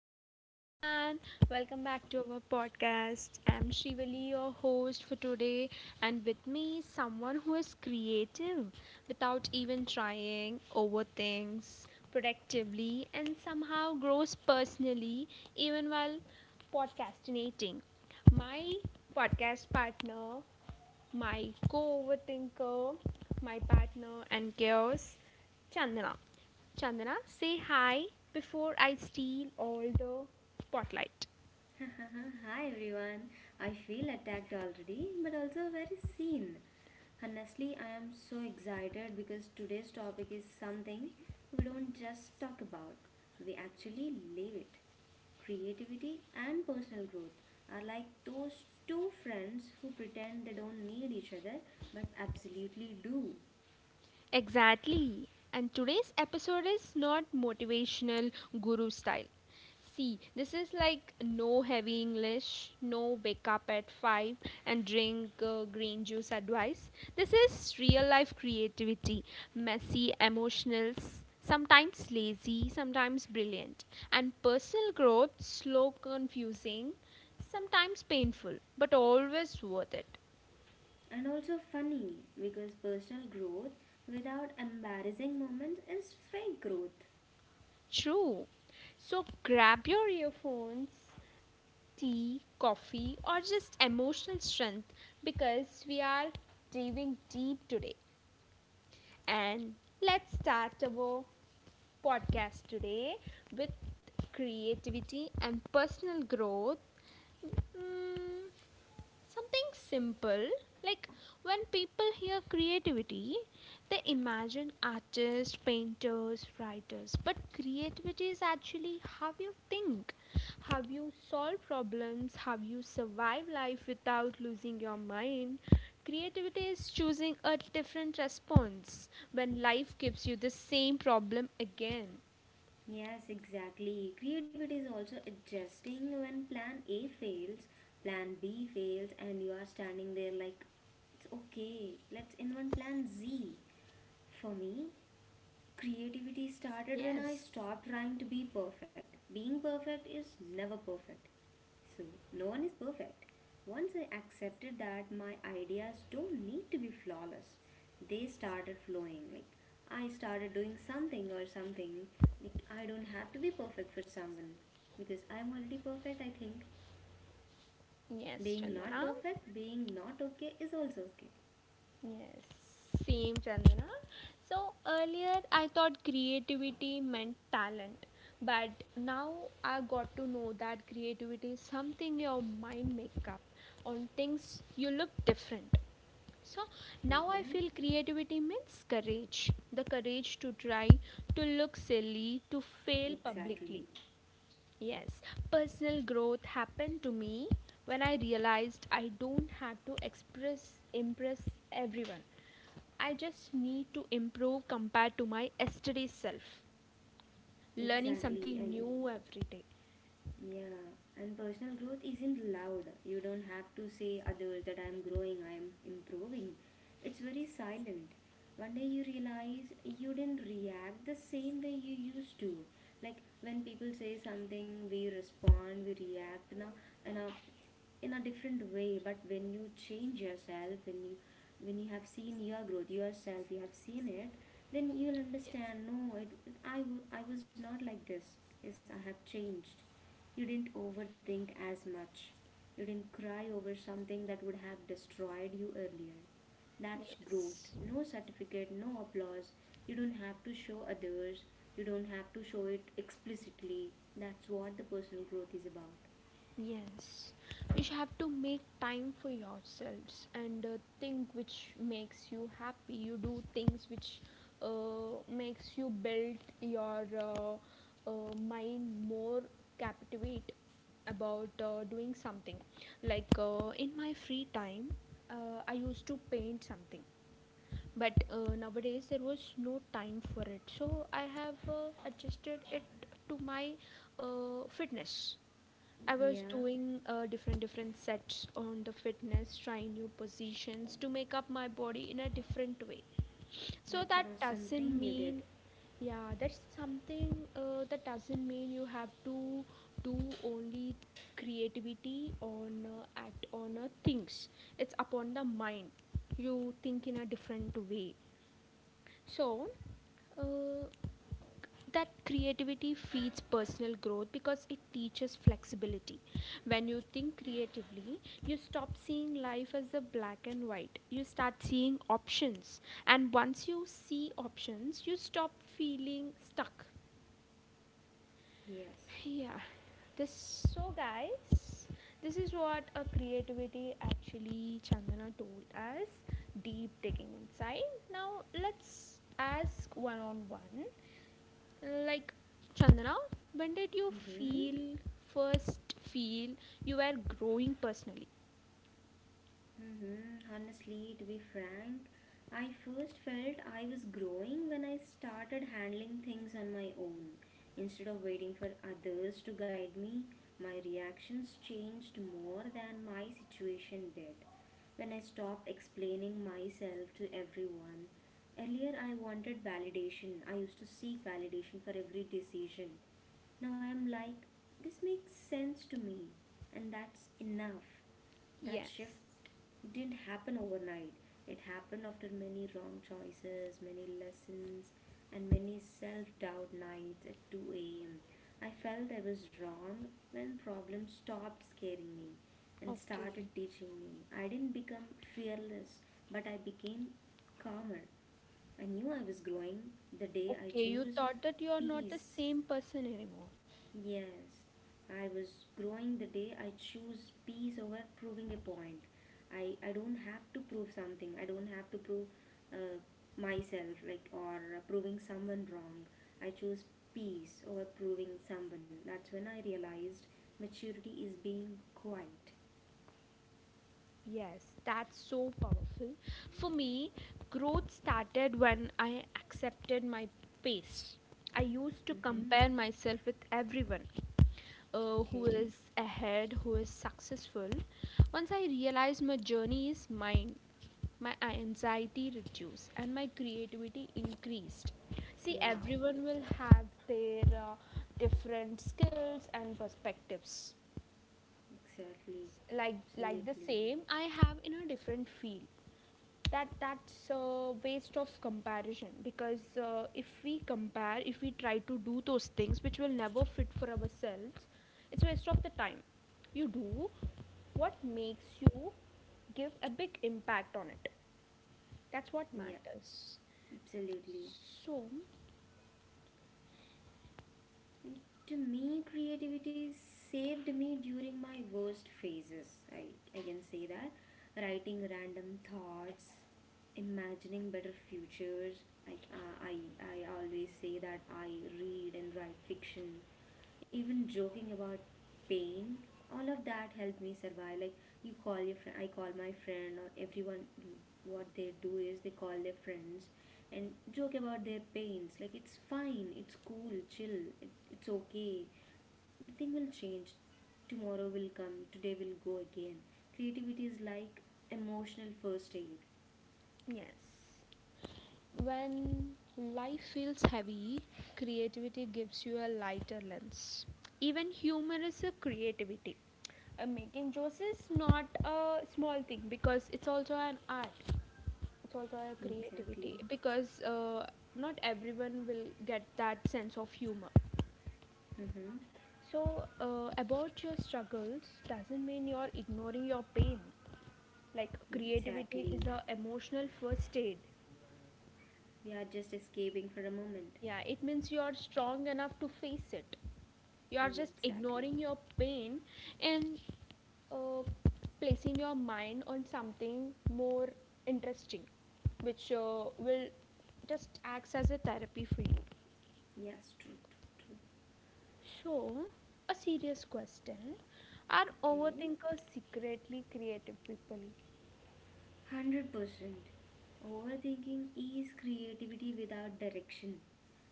Hello everyone, welcome back to our podcast. I'm Shivali, your host for today, and with me, someone who is creative without even trying, overthinks productively, and somehow grows personally even while podcastinating. My podcast partner, my co overthinker, my partner, and chaos, Chandana. Chandana, say hi before I steal all the spotlight. Hi everyone. I feel attacked already, but also very seen. Honestly, I am so excited because today's topic is something we don't just talk about, we actually live it. Creativity and personal growth are like those two friends who pretend they don't need each other but absolutely do. Exactly. And today's episode is not motivational guru style. See, this is like no heavy English, no wake up at 5 and drink green juice advice. This is real life creativity, messy, emotional, sometimes lazy, sometimes brilliant. And personal growth, slow, confusing, sometimes painful, but always worth it. And also funny because personal growth without embarrassing moments is fake growth. True. So grab your earphones, tea, coffee, or just emotional strength, because we are diving deep today. And let's start our podcast today with creativity and personal growth. Mm, Something simple, like when people hear creativity, they imagine artists, painters, writers. But creativity is actually how you think, how you solve problems, how you survive life without losing your mind. Creativity is choosing a different response when life gives you the same problem again. Yes, exactly. Creativity is also adjusting when plan A fails, plan B fails, and you are standing there like, it's okay, let's invent plan Z. For me, creativity started when I Yes. stopped trying to be perfect. Being perfect is never perfect. So, no one is perfect. Once I accepted that my ideas don't need to be flawless, they started flowing. Like, I started doing something or something. Like, I don't have to be perfect for someone because I'm already perfect, I think. Yes, Being not Chandana. perfect, being not okay is also okay. Yes, same Chandana. So earlier I thought creativity meant talent, but now I got to know that creativity is something your mind make up on things you look different. So now I Mm-hmm. feel creativity means courage, the courage to try, to look silly, to fail publicly. Exactly. Yes, personal growth happened to me when I realized I don't have to express impress everyone. I just need to improve compared to my yesterday self, learning Exactly. something And new every day. yeah, and personal growth isn't loud. You don't have to say others that I am growing, I am improving. It's very silent. One day you realize you didn't react the same way you used to. Like when people say something, we respond, we react in a in a different way. But when you change yourself, when you have seen your growth yourself, you have seen it, then you'll understand. No, I was not like this. Yes, I have changed. You didn't overthink as much. You didn't cry over something that would have destroyed you earlier. That's growth. Yes, yes. No certificate, no applause. You don't have to show others. You don't have to show it explicitly. That's what the personal growth is about. Yes, you should have to make time for yourselves and think which makes you happy. You do things which makes you build your mind more captivate about doing something. Like in my free time, I used to paint something, but nowadays there was no time for it. So I have adjusted it to my fitness. I was Yeah, doing different different sets on the fitness, trying new positions to make up my body in a different way. So that's an that awesome doesn't thing you did. mean, yeah, that's something, that doesn't mean you have to do only creativity on act on things. It's upon the mind. You think in a different way. So, uh, that creativity feeds personal growth because it teaches flexibility. When you think creatively, you stop seeing life as a black and white. You start seeing options. And once you see options, you stop feeling stuck. Yes. Yeah. This So guys, this is what a creativity actually Chandana told us. Deep digging inside. Now let's ask one on one. Like, Chandana, when did you Mm-hmm. feel first feel you were growing personally? Mm-hmm. Honestly, to be frank, I first felt I was growing when I started handling things on my own. Instead of waiting for others to guide me, my reactions changed more than my situation did. When I stopped explaining myself to everyone, earlier I wanted validation. I used to seek validation for every decision. Now I am like, this makes sense to me, and that's enough. That Yes. shift didn't happen overnight. It happened after many wrong choices, many lessons, and many self doubt nights at 2 a.m. I felt I was wrong when problems stopped scaring me and started Okay. teaching me. I didn't become fearless, but I became calmer. I knew I was growing the day I Okay, you chose thought that you are not the peace. same person anymore. Yes, I was growing the day I choose peace over proving a point. I don't have to prove something. I don't have to prove uh, myself like, or proving someone wrong. I choose peace over proving someone. That's when I realized maturity is being quiet. Yes, that's so powerful. For me, growth started when I accepted my pace. I used to Mm-hmm. compare myself with everyone, who Okay. is ahead, who is successful. Once I realized my journey is mine, my anxiety reduced and my creativity increased. See, Wow. everyone will have their different skills and perspectives, Exactly. like the Absolutely. same I have in a different field. That's a waste of comparison, because if we try to do those things which will never fit for ourselves, it's waste of the time. You do what makes you give a big impact on it. That's what Yeah. matters. Absolutely. So To me, creativity saved me during my worst phases. I can say that. Writing random thoughts, imagining better futures. Like I always say that I read and write fiction, even joking about pain, all of that helped me survive. Like, you call your friend, I call my friend, or everyone, what they do is they call their friends and joke about their pains like it's fine, it's cool, chill, it's okay, nothing will change. Tomorrow will come, today will go again. Creativity is like emotional first aid. yes. When life feels heavy, creativity gives you a lighter lens. Even humor is a creativity. Making jokes is not a small thing because it's also an art. It's also a Exactly. creativity, because not everyone will get that sense of humor. Mm-hmm. So, about your struggles doesn't mean you're ignoring your pain. Like, creativity is Exactly, a emotional first aid. we are just escaping for a moment. Yeah, it means you are strong enough to face it. You are just Exactly. ignoring your pain and uh, placing your mind on something more interesting, which will just acts as a therapy for you. Yes, true, true, true. So, a serious question: are Okay. overthinkers secretly creative people? 100%. Overthinking is creativity without direction.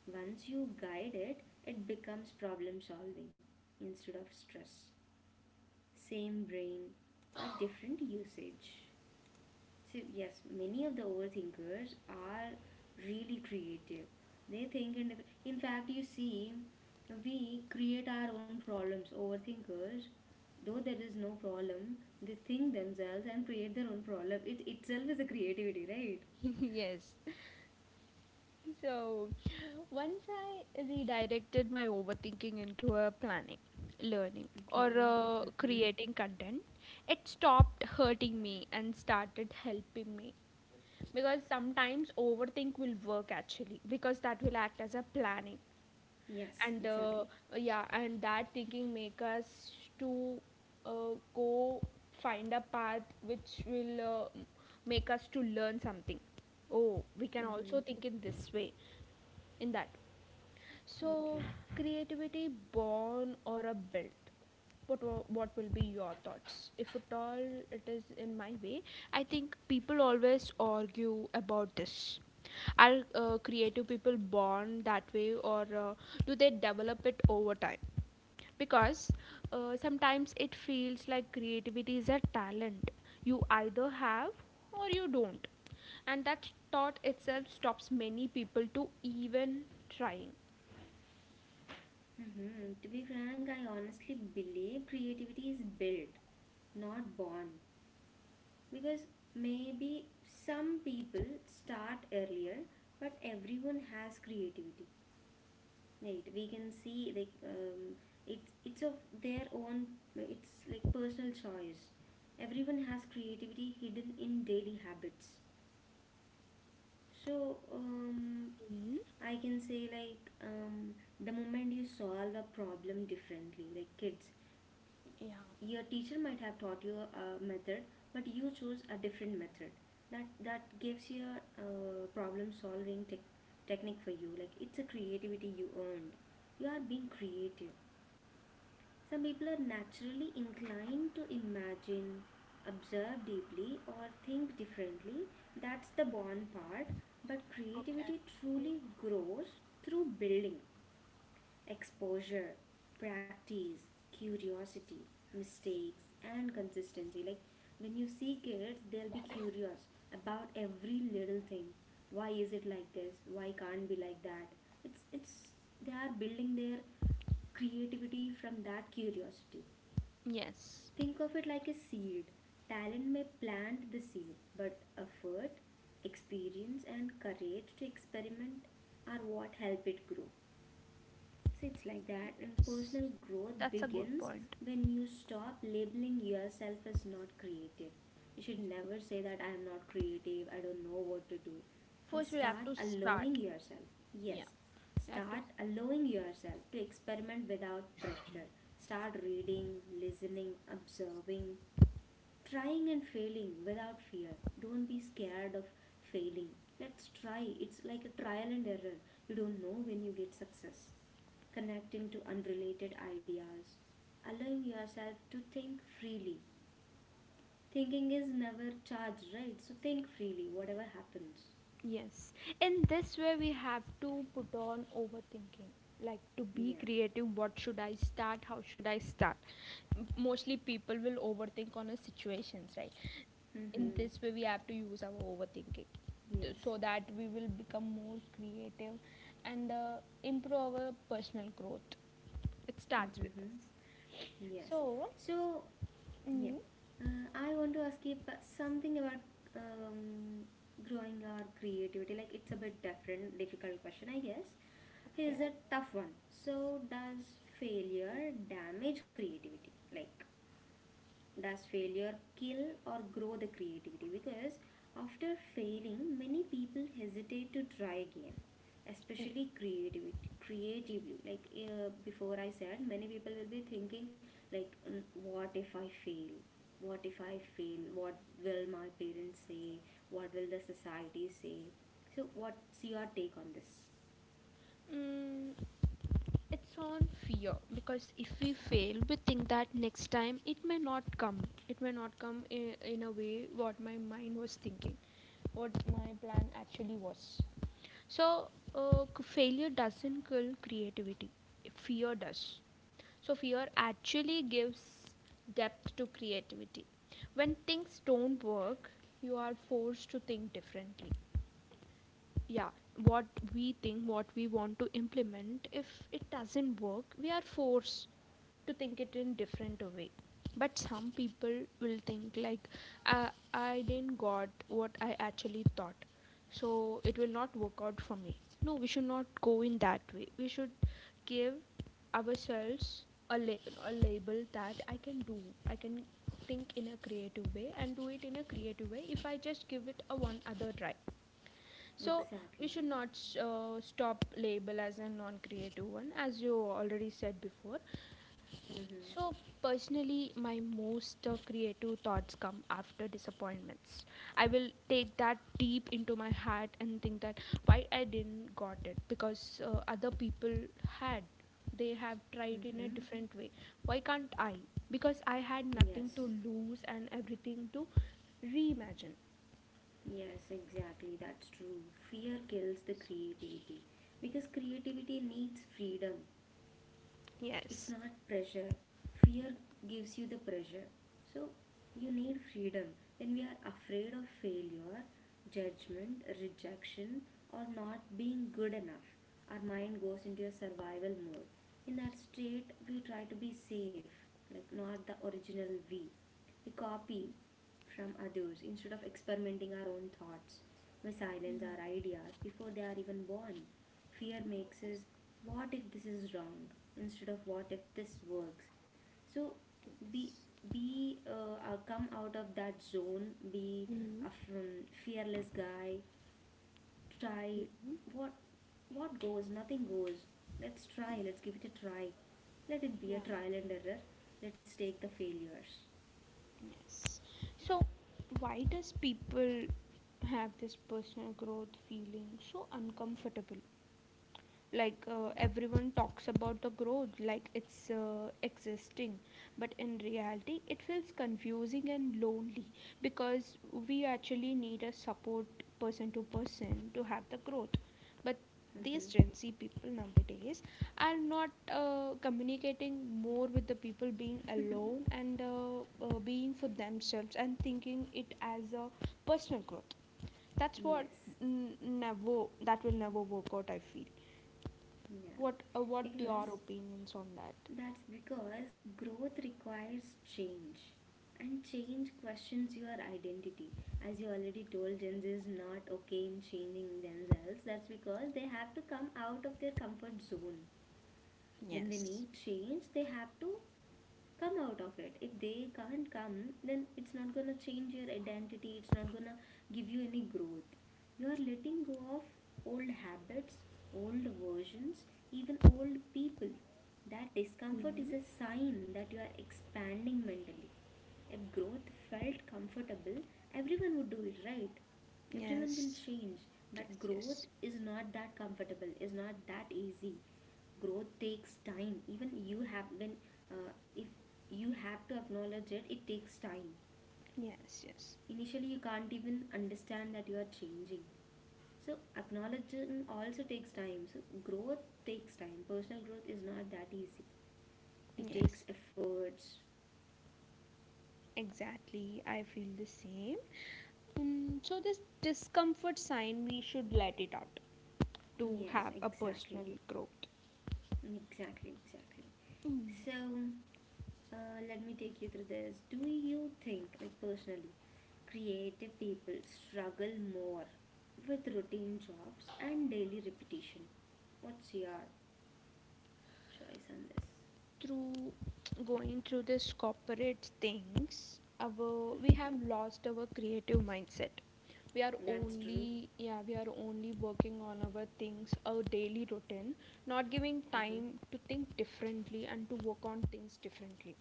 Once you guide it, it becomes problem solving instead of stress. Same brain, but different usage. So, yes, many of the overthinkers are really creative. They think, and in fact, you see, we create our own problems. Overthinkers, though there is no problem, they think themselves and create their own problem. It itself is a creativity, right? Yes. So, once I redirected my overthinking into a planning, learning, or Okay. Mm-hmm. creating content, it stopped hurting me and started helping me. Because sometimes overthink will work actually, because that will act as a planning. Yes, And exactly. yeah, and that thinking make us to go find a path which will uh, m- make us to learn something. Oh, we can Mm-hmm. also think in this way. In that, so, Okay. creativity born or a built? What will be your thoughts? If at all it is in my way, I think people always argue about this. Are creative people born that way, or do they develop it over time? Because sometimes it feels like creativity is a talent you either have or you don't, and that thought itself stops many people to even trying. Mm-hmm. To be frank, I honestly believe creativity is built, not born. Because maybe some people start earlier, but everyone has creativity, right? We can see like it's of their own. It's like personal choice. Everyone has creativity hidden in daily habits. So I can say like, the moment you solve a problem differently, like kids, Yeah. your teacher might have taught you a method but you choose a different method, that gives you a problem solving technique for you, like it's a creativity you earned. You are being creative. Some people are naturally inclined to imagine, observe deeply, or think differently. That's the born part, but Okay. creativity truly grows through building, exposure, practice, curiosity, mistakes, and consistency. Like when you see kids, they'll be curious about every little thing. Why is it like this? Why can't be like that? It's they are building their creativity from that curiosity. Yes. Think of it like a seed. Talent may plant the seed, but effort, experience, and courage to experiment are what help it grow. So it's like that, and Yes. personal growth That's a good begins point. when you stop labeling yourself as not creative. You should never say that I am not creative, I don't know what to do. And First, we have start to allowing start. yourself. Yeah. Yes, We have to start start. allowing yourself to experiment without pressure. Start reading, listening, observing, trying and failing without fear. Don't be scared of failing. Let's try. It's like a trial and error. You don't know when you get success, connecting to unrelated ideas, allowing yourself to think freely. Thinking is never charged, right? So think freely, whatever happens. Yes. In this way, we have to put on overthinking. Like, to be Yeah. creative, what should I start? How should I start? Mostly people will overthink on a situations, right? In Mm-hmm. this way, we have to use our overthinking Yes. so that we will become more creative and improve our personal growth. It starts with us. Mm-hmm. Yes. So, So, yeah. Mm. I want to ask you something about um, growing our creativity. Like, it's a bit different, difficult question, I guess. Here's okay. a tough one. So, does failure damage creativity? Like, does failure kill or grow the creativity? Because after failing, many people hesitate to try again, especially creativity, creatively. Like, before I said, many people will be thinking like, "Mm, what if I fail, what if I fail, what will my parents say, what will the society say?" So what's your take on this? Mm, it's on fear, because if we fail, we think that next time it may not come. It may not come in, a way what my mind was thinking, what my plan actually was. So, failure doesn't kill creativity, fear does. So, fear actually gives depth to creativity. When things don't work, you are forced to think differently. Yeah, what we think, what we want to implement, if it doesn't work, we are forced to think it in different way. But some people will think like, uh, I didn't got what I actually thought, so it will not work out for me. No, we should not go in that way. We should give ourselves a label that I can do, I can think in a creative way and do it in a creative way, if I just give it a one other try. So we Exactly. should not stop label as a non-creative one, as you already said before. Mm-hmm. So personally, my most creative thoughts come after disappointments. I will take that deep into my heart and think that why I didn't got it, because other people had. They have tried in a Mm-hmm. different way. Why can't I? Because I had nothing Yes. to lose and everything to reimagine. Yes, exactly. That's true. Fear kills the creativity, because creativity needs freedom, it's Yes. not pressure. Fear gives you the pressure. So you need freedom. When we are afraid of failure, judgment, rejection, or not being good enough, our mind goes into a survival mode. In that state, we try to be safe, like not the original. We copy from others instead of experimenting our own thoughts. We silence our ideas before they are even born. Fear makes is, what if this is wrong, instead of what if this works. So be, be, come out of that zone. Be a fearless guy. Try. what what goes, nothing goes. Let's try, let's give it a try. Let it be a trial and error. Let's take the failures. Yes. So, why does people have this personal growth feeling so uncomfortable? Like, everyone talks about the growth like it's existing, but in reality it feels confusing and lonely, because we actually need a support person to person to have the growth. But these Mm-hmm. Gen Z people nowadays are not communicating more with the people, being alone and being for themselves and thinking it as a personal growth. That's what, Yes. Never, that will never work out, I feel. Yeah. What, what your because opinions on that? That's because growth requires change. And change questions your identity. As you already told, Gen Z is not okay in changing themselves. That's because they have to come out of their comfort zone. When they Yes. need change, they have to come out of it. If they can't come, then it's not gonna change your identity, it's not gonna give you any growth. You are letting go of old habits, old versions, even old people. That discomfort Hmm. is a sign that you are expanding mentally. If growth felt comfortable, everyone would do it, right? Everyone will Yes. change. Yes. But growth Yes. is not that comfortable, is not that easy. Growth takes time. Even you have been, if you have to acknowledge it, it takes time. Yes. Yes. Initially, you can't even understand that you are changing. So, acknowledging also takes time. So, growth takes time. Personal growth is not that easy, it Yes. takes efforts. Exactly. I feel the same. So this discomfort sign, we should let it out to Yes, have a exactly. personal growth. Exactly, exactly. Mm. So, uh, let me take you through this. Do you think, like personally, creative people struggle more with routine jobs and daily repetition? What's your choice on this? through Going through this corporate things, our we have lost our creative mindset. We are That's true. only Yeah, we are only working on our things, our daily routine, not giving Mm-hmm. time to think differently and to work on things differently.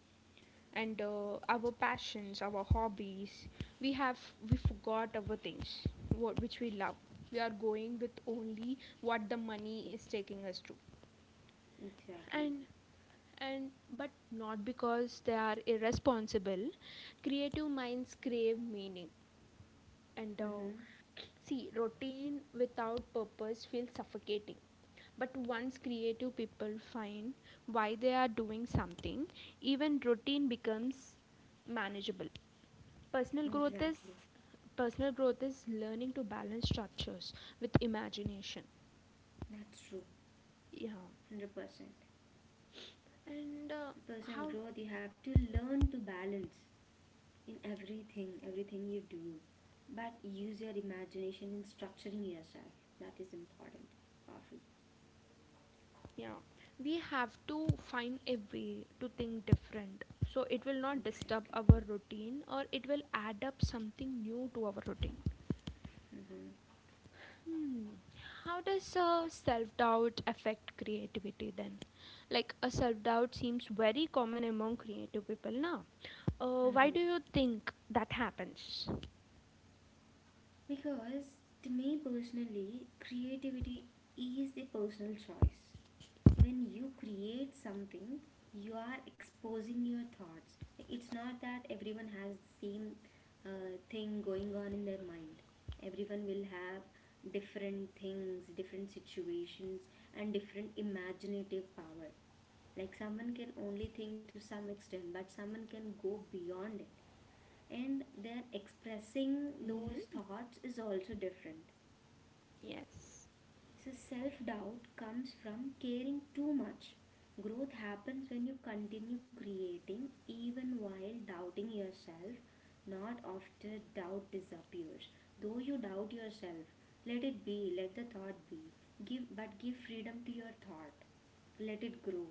And our passions, our hobbies, we have we forgot our things, what which we love. We are going with only what the money is taking us to. Exactly. And and but not because they are irresponsible, creative minds crave meaning. And Mm-hmm. see, routine without purpose feels suffocating. But once creative people find why they are doing something, even routine becomes manageable. personal growth is Exactly. personal growth is learning to balance structures with imagination. That's true. Yeah. 100%. And The personal how. growth, you have to learn to balance in everything, everything you do. But use your imagination in structuring yourself. That is important. Powerful. Yeah, we have to find a way to think different so it will not disturb Exactly. our routine, or it will add up something new to our routine. Hmm. How does self doubt affect creativity then? Like, a self doubt seems very common among creative people now. Why Hmm. do you think that happens? Because to me personally, creativity is the personal choice. When you create something, you are exposing your thoughts. It's not that everyone has the same thing going on in their mind. Everyone will have different things, different situations, and different imaginative power. Like someone can only think to some extent but someone can go beyond it, and their expressing those Mm-hmm. thoughts is also different. Yes. So self doubt comes from caring too much. Growth happens when you continue creating even while doubting yourself. Not after doubt disappears. Though you doubt yourself, let it be, let the thought be. Give, but give freedom to your thought. Let it grow.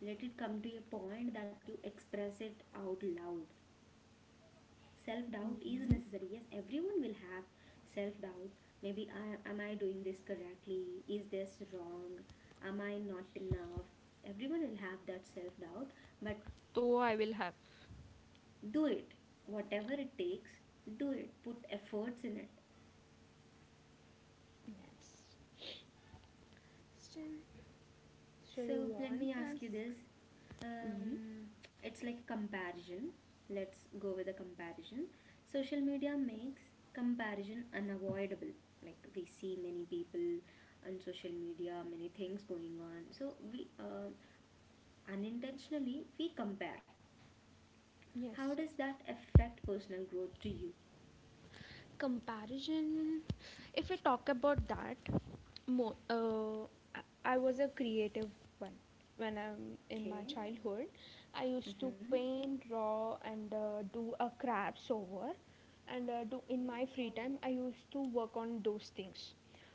Let it come to a point that you express it out loud. Self doubt is Mm-hmm. necessary. Yes, everyone will have self doubt. Maybe am I doing this correctly? Is this wrong? Am I not enough? Everyone will have that self doubt, but Though I will have. do it. Whatever it takes, do it. Put efforts in it. Yes. Still, still you So let want me ask task. you this. Mm-hmm. It's like comparison. Let's go with a comparison. Social media makes comparison unavoidable. Like, we see many people on social media, many things going on. So we unintentionally we compare. How Yes. does Yes. that affect personal growth to you? Comparison, if we talk about that, more, I was a creative one when I'm in my Okay. childhood. I used to Mhm. paint, draw, and do a crafts over, and do in my free time I used to work on those things.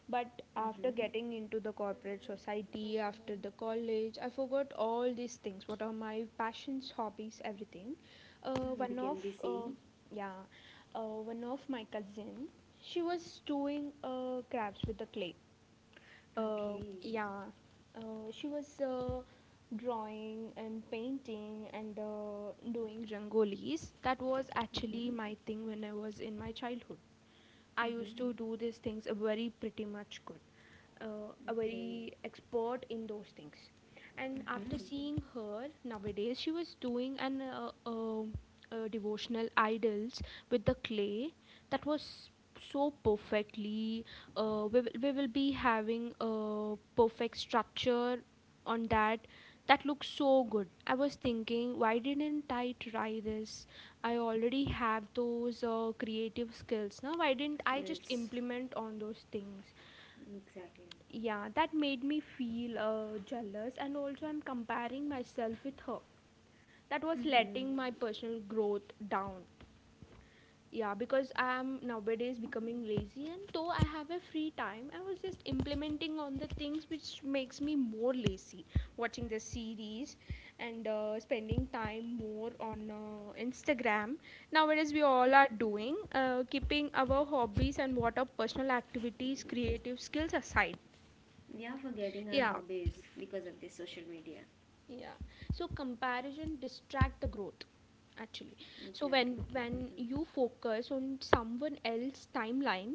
But after Mhm. getting into the corporate society, after the college, I forgot all these things. What are my passions, hobbies, everything. You One became of busy. Yeah, one of my cousin, she was doing crafts with the clay, Okay. yeah, she was drawing and painting and doing rangolis. That was actually Mhm. my thing when I was in my childhood. I used Mhm. to do these things a very pretty much good, a Okay. very expert in those things. And after Mhm. seeing her nowadays, she was doing an a devotional idols with the clay that was so perfectly. We will be having a perfect structure on that, that looks so good. I was thinking, why didn't I try this? I already have those creative skills. Now why didn't I just Skills. implement on those things? Exactly. Yeah, that made me feel jealous, and also I'm comparing myself with her. That was Hmm. letting my personal growth down. Yeah, because I am nowadays becoming lazy, and though I have a free time, I was just implementing on the things which makes me more lazy, watching the series and spending time more on Instagram. Nowadays we all are doing keeping our hobbies and what are personal activities, creative skills aside. We are forgetting our Yeah, hobbies because of this social media. yeah, so comparison distract the growth actually. So Exactly. when Mm-hmm. when you focus on someone else's timeline,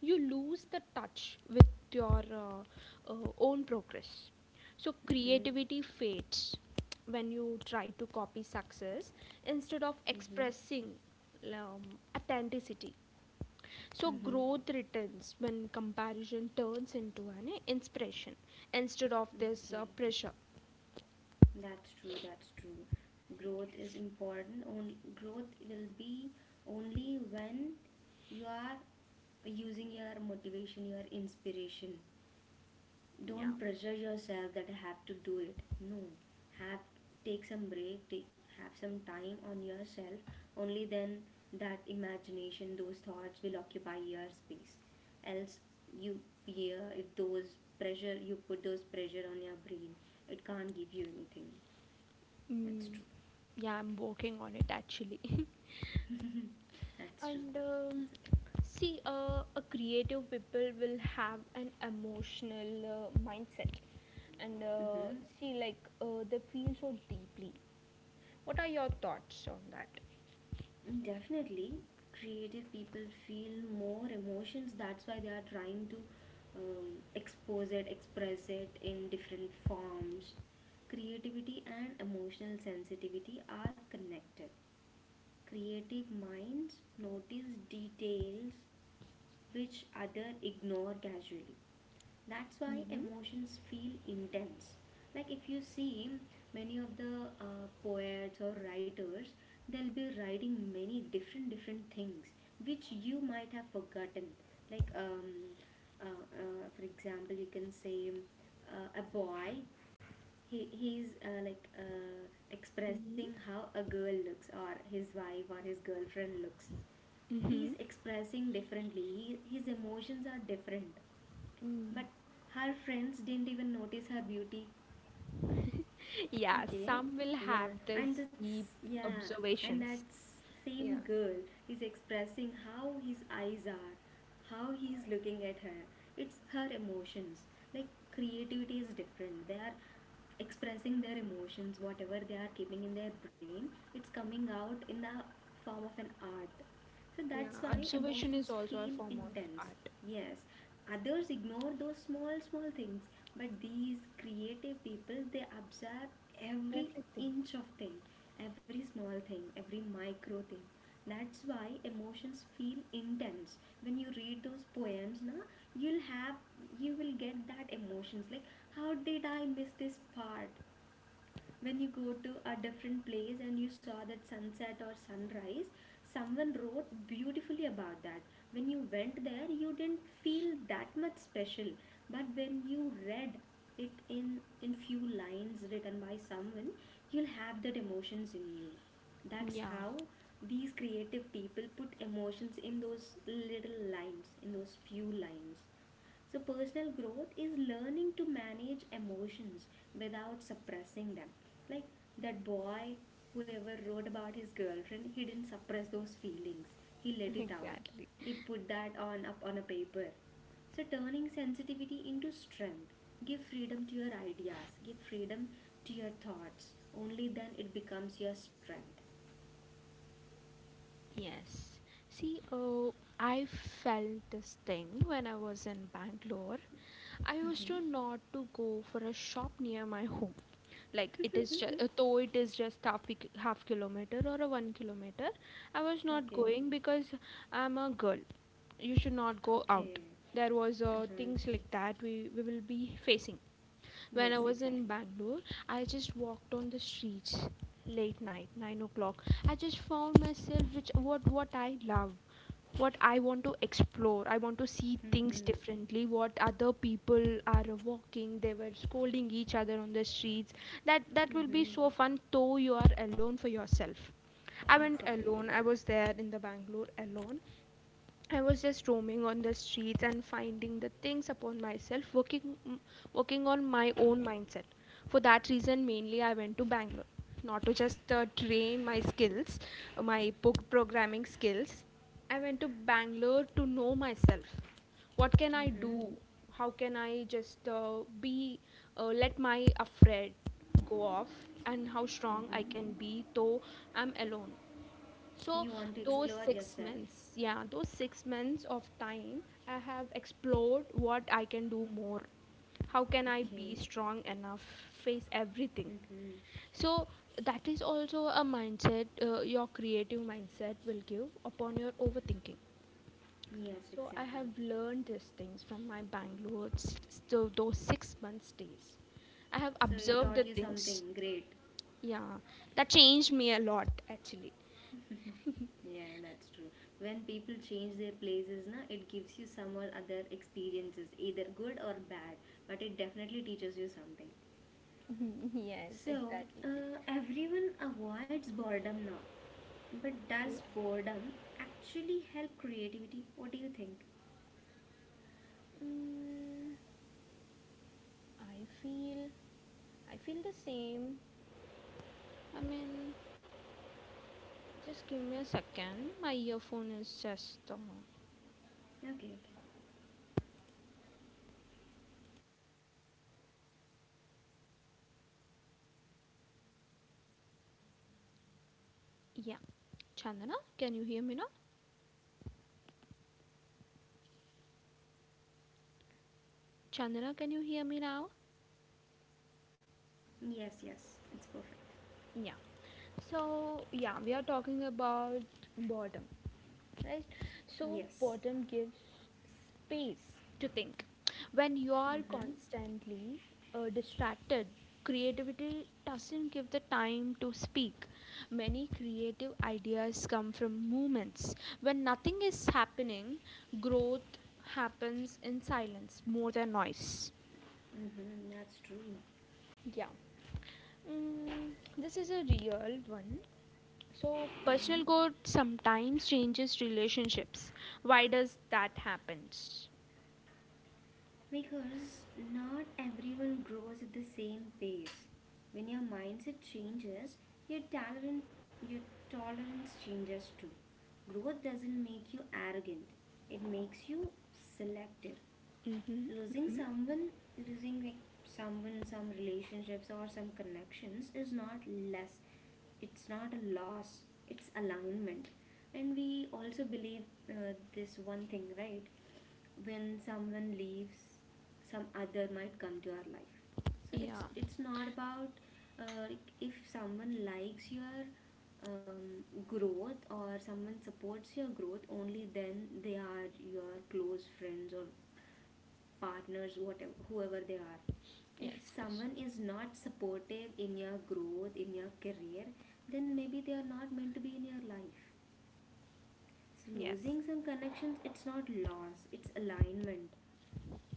you lose the touch with your own progress. So Mm-hmm. creativity fades when you try to copy success instead of Mm-hmm. expressing um, authenticity. So Mm-hmm. growth returns when comparison turns into an inspiration instead of this Okay. pressure. That's true. That's true. Growth is Yes. important. Only growth will be only when you are using your motivation, your inspiration. Yeah. Don't pressure yourself that I have to do it. No, have take some break, have some time on yourself. Only then that imagination, those thoughts will occupy your space. Else, you fear, if those pressure, you put those pressure on your brain, it can't give you anything. That's Mm, true. yeah, I'm working on it actually. That's true. And It's okay. see, a creative people will have an emotional mindset, and Mm-hmm. see, like they feel so deeply. What are your thoughts on that? Definitely, creative people feel more emotions. That's why they are trying to expose it, express it in different forms. Creativity and emotional sensitivity are connected. Creative minds notice details which other ignore casually. That's why Mm-hmm. emotions feel intense. Like, if you see many of the poets or writers, they'll be writing many different different things which you might have forgotten. Like, uh, for example, you can say, a boy, he's expressing Mm-hmm. how a girl looks, or his wife or his girlfriend looks. Mm-hmm. He's expressing differently. His emotions are different, Mm. but her friends didn't even notice her beauty. Yeah, Okay. some will have Yeah, and this deep that's yeah, and that observations. Yeah, same girl is expressing how his eyes are, how he's looking at her. It's her emotions. Like, creativity is different. They are expressing their emotions, whatever they are keeping in their brain. It's coming out in the form of an art. So yeah. that's why Observation is emotions also a feel form of intense. art. Yes, others ignore those small, small things, but these creative people, they observe every Everything. inch of thing, every small thing, every micro thing. That's why emotions feel intense. When you read those poems, na, you'll have you will get that emotions. Like, how did I miss this part? When you go to a different place and you saw that sunset or sunrise, someone wrote beautifully about that. When you went there, you didn't feel that much special, but when you read it in few lines written by someone, you'll have that emotions in you. That's Yeah. how these creative people put emotions in those little lines, in those few lines. So, personal growth is learning to manage emotions without suppressing them. Like that boy, whoever wrote about his girlfriend, he didn't suppress those feelings. He let it out. Exactly. He put that on up on a paper. So, turning sensitivity into strength. Give freedom to your ideas. Give freedom to your thoughts. Only then it becomes your strength. Yes. See, oh, I felt this thing when I was in Bangalore. I used to not to go for a shop near my home. Like it is just though it is just half kilometer or a 1 kilometer. I was not Okay. going because I'm a girl. You should not go out. Okay. There was Uh-huh. things like that we will be facing. When I Yes, was in exactly. Bangalore, I just walked on the streets late night, 9 o'clock. I just found myself, which what I love, what I want to explore. I want to see things Mm-hmm. differently. What other people are walking, they were scolding each other on the streets. That will be Mm-hmm. so fun though you are alone for yourself. I went Exactly. alone. I was there in the Bangalore alone. I was just roaming on the streets and finding the things upon myself, working on my own mindset. For that reason, mainly I went to Bangalore, not to just train my skills, my book programming skills. I went to Bangalore to know myself. What can I Mm-hmm. do? How can I just be let my afraid go off, and how strong I Mm-hmm. can be though I'm alone. So You want to those explore six yourself. months, yeah, those 6 months of time, I have explored what I can do more. How can I be Okay. strong enough, face everything? Mm-hmm. So that is also a mindset, your creative mindset will give upon your overthinking. Yes, So I exactly. have learned these things from my Bangalore, so those 6 months stays. I have So it observed taught the you things, something great. yeah, that changed me a lot actually. Yeah, that's true. When people change their places, na, it gives you some or other experiences, either good or bad, but it definitely teaches you something. Yes, So, exactly. Everyone avoids boredom now. But does boredom actually help creativity? What do you think? Mm, I feel I feel the same. I mean, just give me a second. My earphone is just Okay, yeah. Chandana, can you hear me now? Chandana, can you hear me now? okay. Yes, yes. It's perfect. Yeah. So yeah, we are talking about boredom. Right. So Yes. boredom gives space to think. When you are Mm-hmm. constantly distracted, creativity doesn't give the time to speak. Many creative ideas come from moments when nothing is happening. Growth happens in silence more than noise. Mm-hmm, that's true. Yeah. Mm, this is a real one. So Mhm. personal growth sometimes changes relationships. Why does that happens? Because not everyone grows at the same pace. When your mindset changes, your talent, your tolerance changes too. Growth doesn't make you arrogant; it makes you selective. Mm-hmm. Losing Mm-hmm. someone, losing like, someone, some relationships or some connections, is not less. It's not a loss. It's alignment. And we also believe, this one thing, right? When someone leaves, some other might come to our life. So Yeah. it's not about, like, if someone likes your growth, or someone supports your growth, only then they are your close friends or partners, whatever, whoever they are. If Yes. Yes. someone is not supportive in your growth, in your career, then maybe they are not meant to be in your life. So Yes. losing some connections, it's not loss, it's alignment.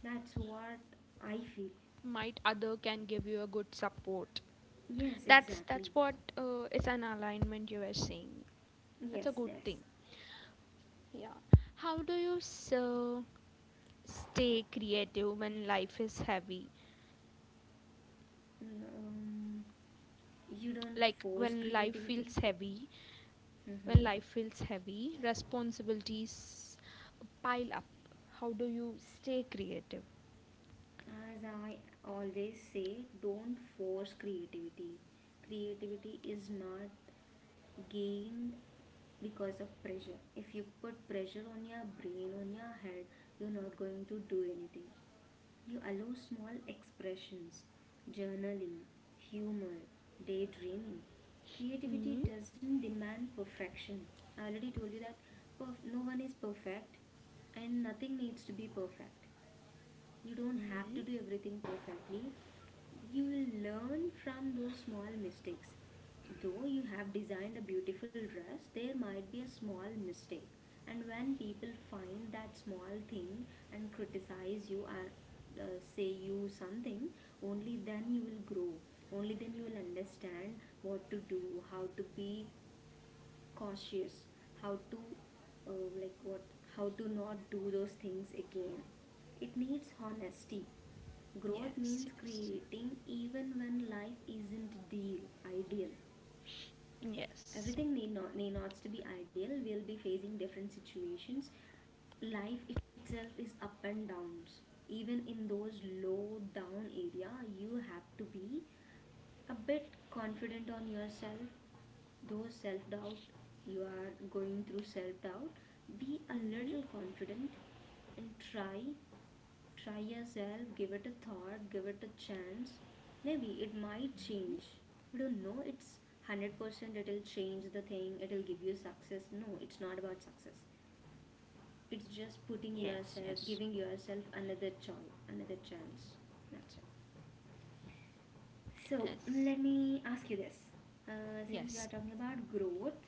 That's what I feel. Might other can give you a good support. Yes, That's exactly. that's what it's an alignment you are saying. Yes, That's a good yes. thing. Yeah. How do you so stay creative when life is heavy? um, you don't Like force when life feels creativity. heavy, Hmm. Responsibilities pile up. How do you stay creative? As I always say, don't force creativity. Creativity is not gained because of pressure. If you put pressure on your brain, on your head, you're not going to do anything. You allow small expressions, journaling, humor, daydreaming. Creativity Mm-hmm. doesn't demand perfection. I already told you that no one is perfect and nothing needs to be perfect. You don't have to do everything perfectly. You will learn from those small mistakes. Though you have designed a beautiful dress, there might be a small mistake. And when people find that small thing and criticize you and uh, say you something, only then you will grow. Only then you will understand what to do, how to be cautious, how to uh, like what how to not do those things again. It needs honesty. Growth Yes. means Yes. creating even when life isn't the ideal. Yes. Everything need not, to be ideal. We'll be facing different situations. Life itself is up and downs. Even in those low down area, you have to be a bit confident on yourself. Though self doubt, you are going through self doubt, be a Mm, little confident and try. Try yourself, give it a thought, give it a chance. Maybe it might change. We don't know it's 100% it'll change the thing, it'll give you success. No, it's not about success. It's just putting yes, yourself, yes, giving yourself another choice, another chance. That's it. So yes, let me ask you this. Since we are yes. talking about growth,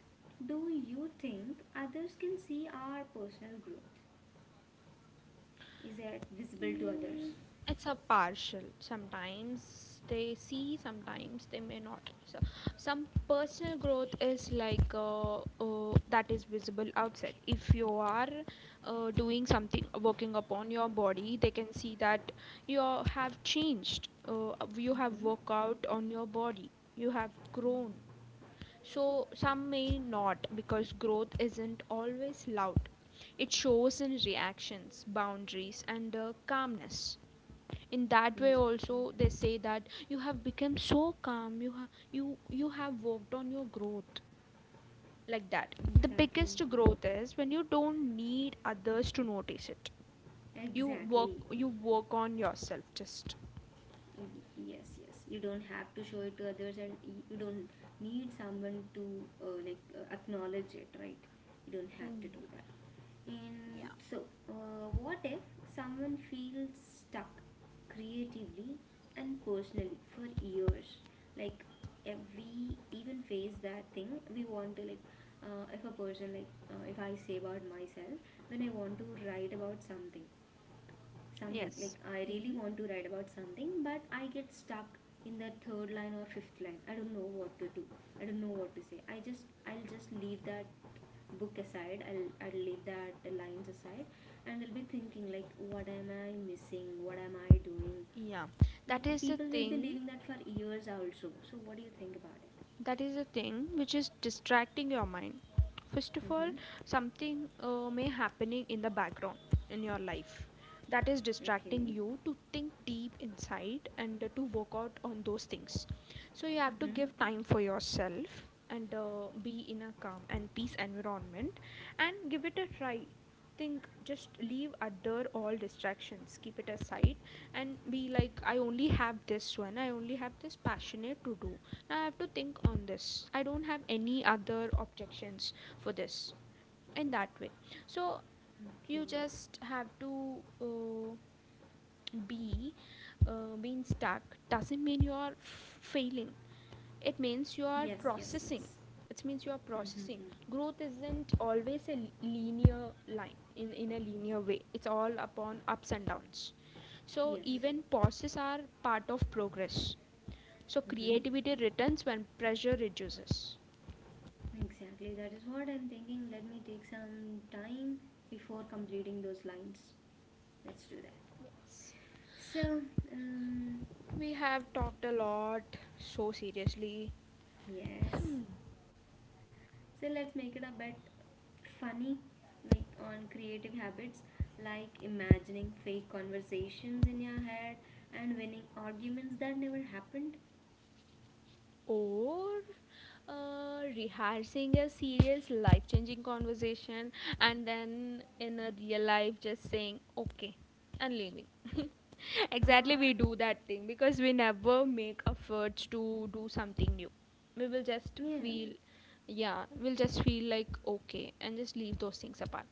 do you think others can see our personal growth? Is it visible to Mm, others? it's a partial. Sometimes they see, sometimes they may not. So some personal growth is like that is visible outside. If you are doing something, working upon your body, they can see that you have changed. You have Mm-hmm. worked out on your body. You have grown. Mm. So some may not because growth isn't always loud. It shows in reactions, boundaries, and calmness. In that way, Yeah, also, they say that you have become so calm, you, you have worked on your growth. Like that. The exactly. biggest growth is when you don't need others to notice it. You work, Exactly. you work on yourself just. Mm, yes, yes, you don't have to show it to others, and you don't need someone to acknowledge it, right? You don't have Mm, to do that. yeah. And so, what if someone feels stuck creatively and personally for years? Like, if we even face that thing, we want to, if a person, if I say about myself, then I want to write about something. Something, like, Yes. I really Mm. want to write about something, but I get stuck in the third line or fifth line. I don't know what to do. I don't know what to say. I'll just leave that book aside. I'll leave that lines aside. And I'll be thinking, like, what am I missing, what am I doing? Yeah, that Like, is the people will be thing. leaving that for years also. So what do you think about it? That is the thing which is distracting your mind first of all. Mm-hmm. Something may happening in the background in your life, that is distracting Okay. you to think deep inside and to work out on those things. So you have to Mm-hmm. give time for yourself and be in a calm and peace environment, and give it a try. Think, just leave other all distractions, keep it aside, and be like, I only have this one, I only have this passionate to do. Now I have to think on this. I don't have any other objections for this, in that way. So Okay. you just have to be being stuck doesn't mean you are failing. It means you are Yes, yes, yes. processing. It means you are Mm-hmm. processing. Growth isn't always a linear line in a linear way. It's all upon ups and downs. So Yes. even pauses are part of progress. So Mm-hmm. creativity returns when pressure reduces. Exactly, that is what I'm thinking. Let me take some time before completing those lines. Let's do that. Yes. So, um, We have talked a lot so seriously. yes. So let's make it a bit funny, like on creative habits, like imagining fake conversations in your head and winning arguments that never happened, Or rehearsing a serious life changing conversation, and then in a real life just saying okay and leaving. Exactly, or we do that thing because we never make efforts to do something new. We will just yeah. feel, yeah, we'll just feel like okay and just leave those things apart.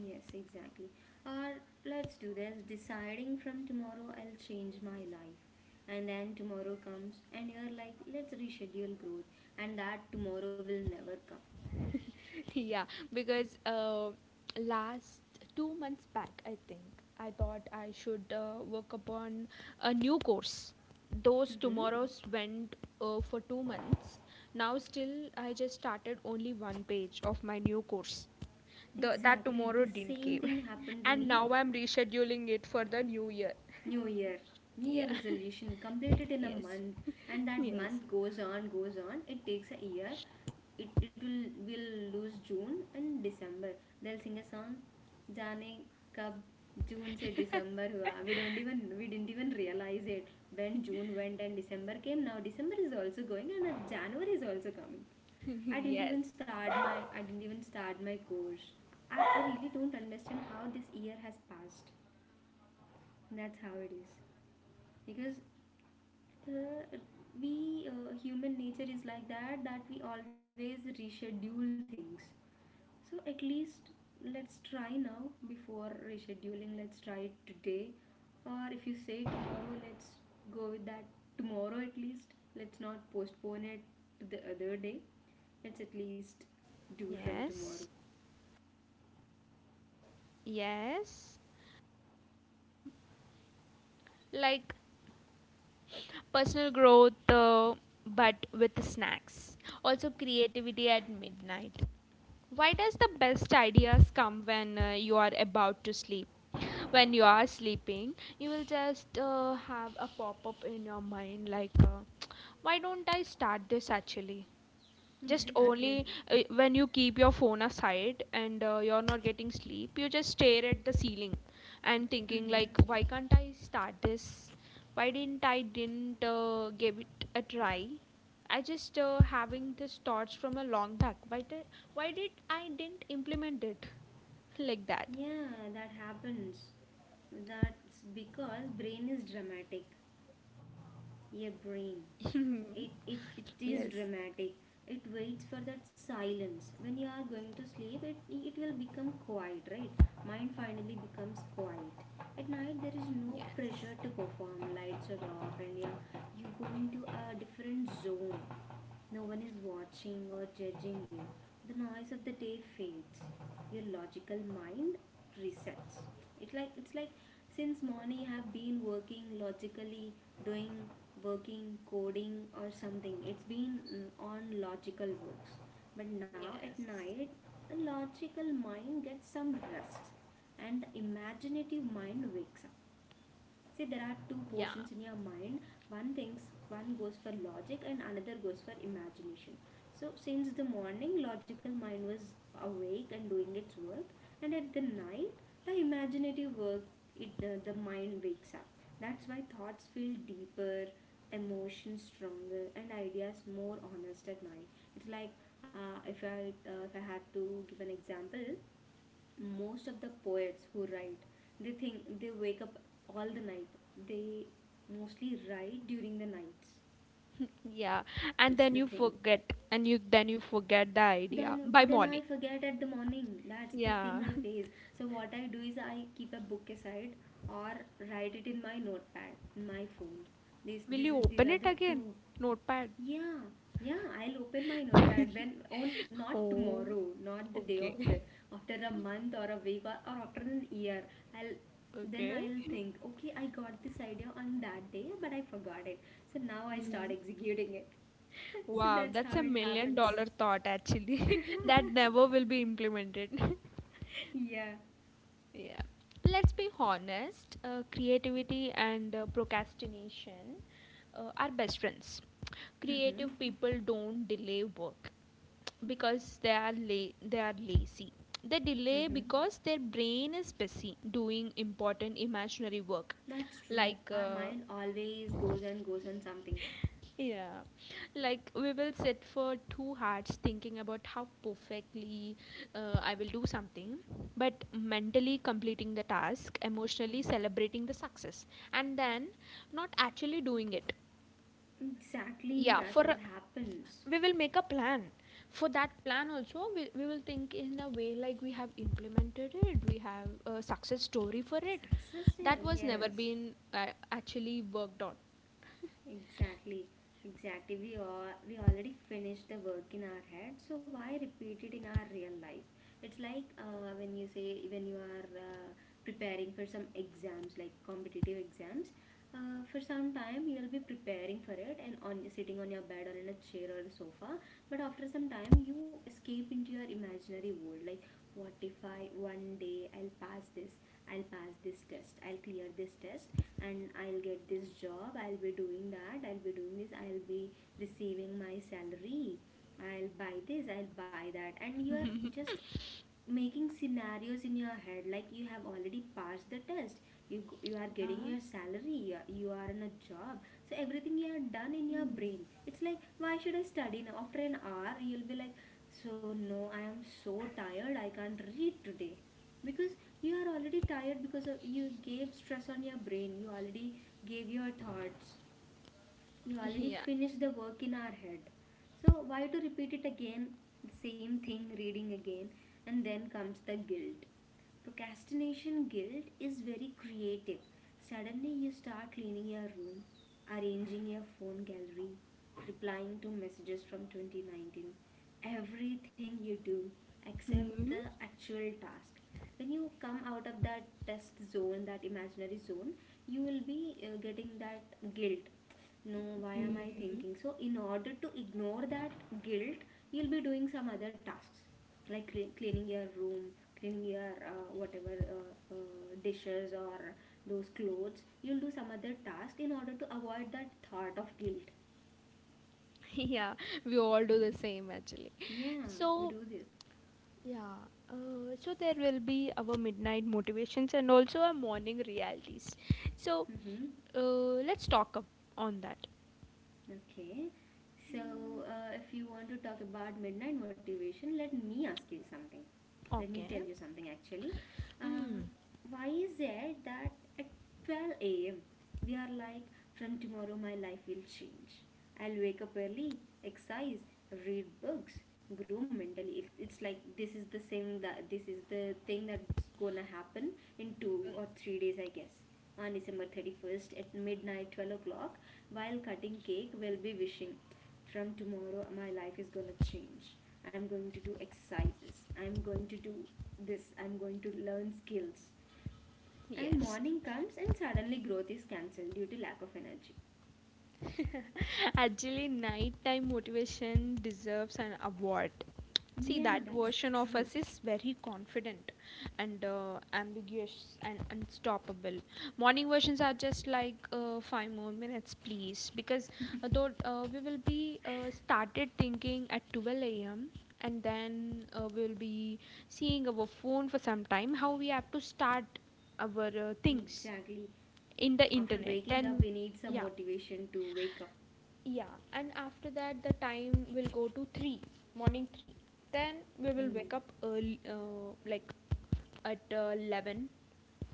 Yes, exactly. Or let's do this: deciding from tomorrow I'll change my life. And then tomorrow comes, and you're like, let's reschedule growth, and that tomorrow will never come. Yeah, because last 2 months back, I thought I should work upon a new course. Those Mm-hmm. tomorrows went for 2 months. Now still I just started only one page of my new course. That Exactly. tomorrow The didn't same came. thing happened to And me. now I'm rescheduling it for the new year. New Year. New Year Yeah. resolution completed in a Yes. month, and that Yes. month goes on, goes on. It takes a year, it will lose June and December. They'll sing a song, Jane Kab June से December हुआ. We didn't even realize it when June went and December came. Now December is also going, and January is also coming. yes, yes, I didn't even start my course. I really don't understand how this year has passed. That's how it is because, uh, we human nature is like that, that we always reschedule things. So at least, let's try now before rescheduling. Let's try it today. Or if you say tomorrow, let's go with that tomorrow at least. Let's not postpone it to the other day. Let's at least do from tomorrow. yes, yes. Uh, like personal growth, but with snacks. Also, creativity at midnight. Why does the best ideas come when you are about to sleep? When you are sleeping, you will just have a pop up in your mind like, why don't I start this actually? Just Exactly. only when you keep your phone aside and you're not getting sleep, you just stare at the ceiling and thinking Mm-hmm. like, why can't I start this? Why didn't I didn't give it a try? I just having these thoughts from a long back. Why did I didn't implement it? Like that. Yeah, that happens. That's because brain is dramatic. Your brain. It Yes, is dramatic. It waits for that silence. When you are going to sleep, it will become quiet, right? Mind finally becomes quiet. At night, there is no yes, pressure to perform. Lights are off, and you go into a different zone. No one is watching or judging you. The noise of the day fades. Your logical mind resets. It like it's like Since morning I have been working logically, doing working, coding or something. It's been, on logical works. But now at yes. night, the logical mind gets some rest and the imaginative mind wakes up. See, there are two Yeah. portions in your mind. One thinks, one goes for logic, and another goes for imagination. So, since the morning, logical mind was awake and doing its work, and at the night, the imaginative work, it the mind wakes up. That's why thoughts feel deeper, emotions stronger, and ideas more honest at night. It's like if I have to give an example. Most of the poets who write, they think, they wake up all the night, they mostly write during the nights. Yeah, and It's then the you thing. forget, and you then you forget the then idea by then I morning. forget at the morning. That's the thing Yeah. I face. So what I do is I keep a book aside or write it in my notepad in my phone. this Will this you is these open are it the two. again? Notepad. Yeah, yeah, I'll open my notepad when on not Oh, tomorrow, not the day after, okay. after a month or a week or after an year. I'll then Okay. I'll think, okay, I got this idea on that day, but I forgot it. So now I Mm. start executing it. So Wow, that's that's how a it million happens. dollar thought actually. That never will be implemented. Yeah. Yeah. Let's be honest, creativity and procrastination are best friends. Mm-hmm. Creative people don't delay work because they are lazy. They delay Mm-hmm. because their brain is busy doing important imaginary work, That's true. like Our mind always goes and goes on something. yeah, like we will sit for 2 hours thinking about how perfectly I will do something, but mentally completing the task, emotionally celebrating the success, and then not actually doing it. Exactly, Yeah, that's what happens. we will make a plan. For that plan, also, we will think in a way like we have implemented it, we have a success story for it. Success there, That was never yes. been actually worked on. Exactly, exactly. We already finished the work in our head, so why repeat it in our real life? It's like when you are preparing for some exams, like competitive exams. For some time you'll be preparing for it and on sitting on your bed or in a chair or a sofa, but after some time you escape into your imaginary world like, what if I, one day I'll pass this test, I'll clear this test, and I'll get this job, I'll be doing that, I'll be doing this, I'll be receiving my salary, I'll buy this, I'll buy that. And you're just making scenarios in your head like you have already passed the test, you are getting your salary, you are in a job. So everything you have done in your brain, it's like, why should I study now? After an hour you'll be like, so no, I am so tired, I can't read today, because you are already tired because of you gave stress on your brain. You already gave your thoughts, you already Yeah. finished the work in our head. So why to repeat it again, the same thing reading again, and then comes the guilt. Procrastination guilt is very creative. Suddenly you start cleaning your room, arranging your phone gallery, replying to messages from 2019. Everything you do except Yeah. the actual task. When you come out of that test zone, that imaginary zone, you will be getting that guilt, no, why am I Hmm. thinking so? In order to ignore that guilt, you'll be doing some other tasks like cleaning your room, cleaning your, whatever, dishes or those clothes. You'll do some other task in order to avoid that thought of guilt. Yeah, we all do the same actually, Yeah, we so do this. yeah. So there will be our midnight motivations and also our morning realities, so Mm-hmm. Let's talk up on that. Okay, so Mm, if you want to talk about midnight motivation, let me ask you something. Let me tell okay. you something actually. um, Mm, why is it that at 12 a.m. we are like, from tomorrow my life will change. I'll wake up early, exercise, read books, grow mentally. It's like this is the thing that this is the thing that's gonna happen in 2 or 3 days, I guess. On December 31st at midnight, 12 o'clock, while cutting cake, we'll be wishing. From tomorrow, my life is gonna change. I'm going to do exercises. I'm going to do this. I'm going to learn skills. And yes. morning comes, and suddenly growth is cancelled due to lack of energy. Actually, nighttime motivation deserves an award. See, Yeah, that that's version of true. us is very confident and ambiguous and unstoppable. Morning versions are just like 5 more minutes, please, because though we will be started thinking at 12 a.m. And then we'll be seeing our phone for some time. How we have to start our things Exactly. in the After internet. waking up, Then, we need some yeah, motivation to wake up. yeah, and after that, the time will go to 3, morning 3. Then we will Hmm. wake up early, like at 11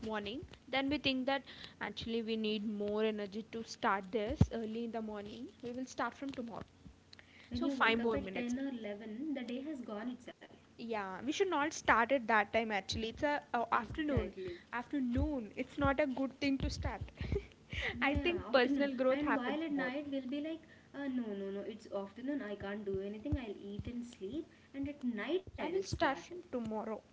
morning. Then we think that actually we need more energy to start this early in the morning. We will start from tomorrow. When So, you 5 wake up more at minutes, 10 or please. 11, the day has gone itself. Yeah, we should not start at that time actually. It's a afternoon. Exactly. Afternoon. It's not a good thing to start. I Yeah, think afternoon. personal growth And happens while at more. night we'll be like, no, no, no, it's afternoon, I can't do anything, I'll eat and sleep. And at night I I'll will start. start from tomorrow,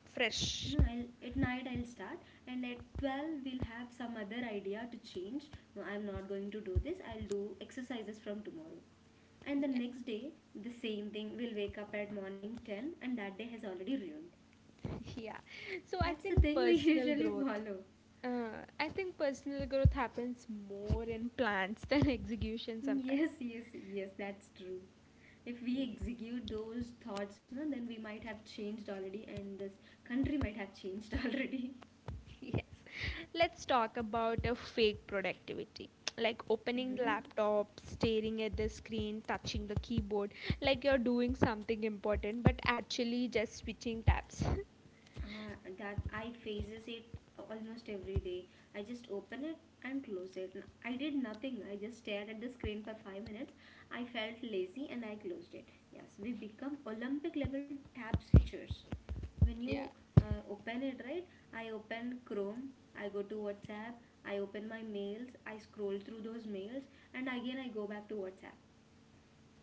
No, fresh. I'll at night I'll start. And at 12 we'll have some other idea to change. No, I'm not going to do this. I'll do exercises from tomorrow. And the next day, the same thing. We'll wake up at morning 10, and that day has already ruined. Yeah. So I That's the think thing we personal usually growth. follow. I think personal growth happens more in plans than execution sometimes. Yes, yes, yes, that's true. If we execute those thoughts, no, then we might have changed already, and this country might have changed already. Yes. Let's talk about a fake productivity. Like opening the Mm-hmm. laptop, staring at the screen, touching the keyboard, like you're doing something important, but actually just switching tabs. That I phases it almost every day. I just open it and close it. I did nothing. I just stared at the screen for 5 minutes. I felt lazy and I closed it. Yes, we become Olympic level tab switchers when you Yeah. Open it, right? I open Chrome, I go to WhatsApp, I open my mails, I scroll through those mails, and again I go back to WhatsApp.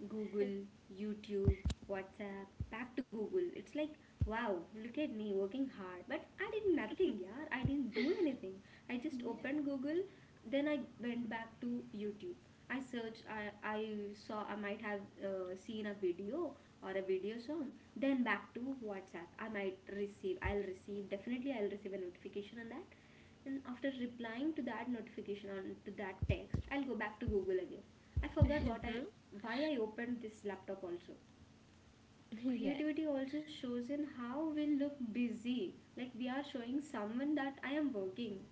Google, YouTube, WhatsApp, back to Google. It's like, wow, look at me working hard. But I did nothing, yeah, I didn't do anything. I just opened Google, then I went back to YouTube. I searched, I saw, I might have seen a video or a video song. Then back to WhatsApp. I might receive, I'll receive, definitely I'll receive a notification on that. Then after replying to that notification or to that text, I'll go back to Google again. I forgot what I why I opened this laptop also. Yes, Creativity also shows in how we look busy, like we are showing someone that I am working.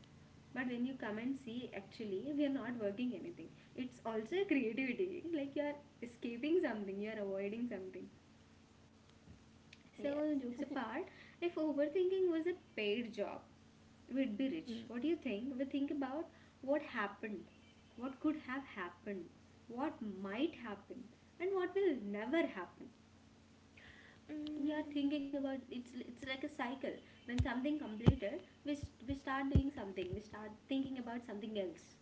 But when you come and see, actually, we are not working anything. It's also creativity, like you are escaping something, you are avoiding something. So, yes. all jokes apart, if overthinking was a paid job, we'd be rich. Mm. What do you think? We think about what happened, what could have happened, what might happen, and what will never happen. We are Mm. thinking about, it's like a cycle. When something completed, we start doing something. We start thinking about something else.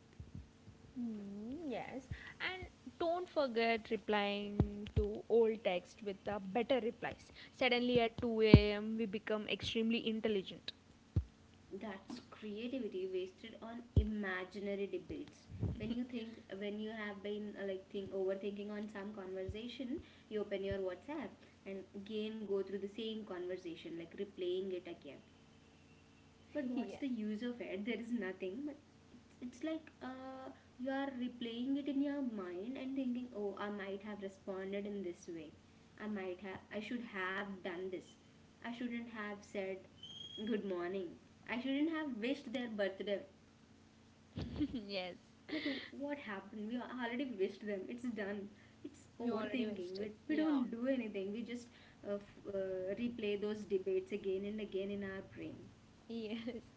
Mm, yes, and don't forget replying to old text with the better replies. Suddenly at 2 a.m., we become extremely intelligent. That's creativity wasted on imaginary debates. When you have been like, think overthinking on some conversation, you open your WhatsApp and again go through the same conversation, like replaying it again. But what's yeah. the use of it? There is nothing. But it's like, you are replaying it in your mind and thinking, oh, I might have responded in this way, I should have done this, I shouldn't have said good morning, I shouldn't have wished their birthday. Yes. But what happened? We already wished them, it's done. It's We already overthinking. wasted. We Yeah. don't do anything. We just replay those debates again and again in our brain. Yes.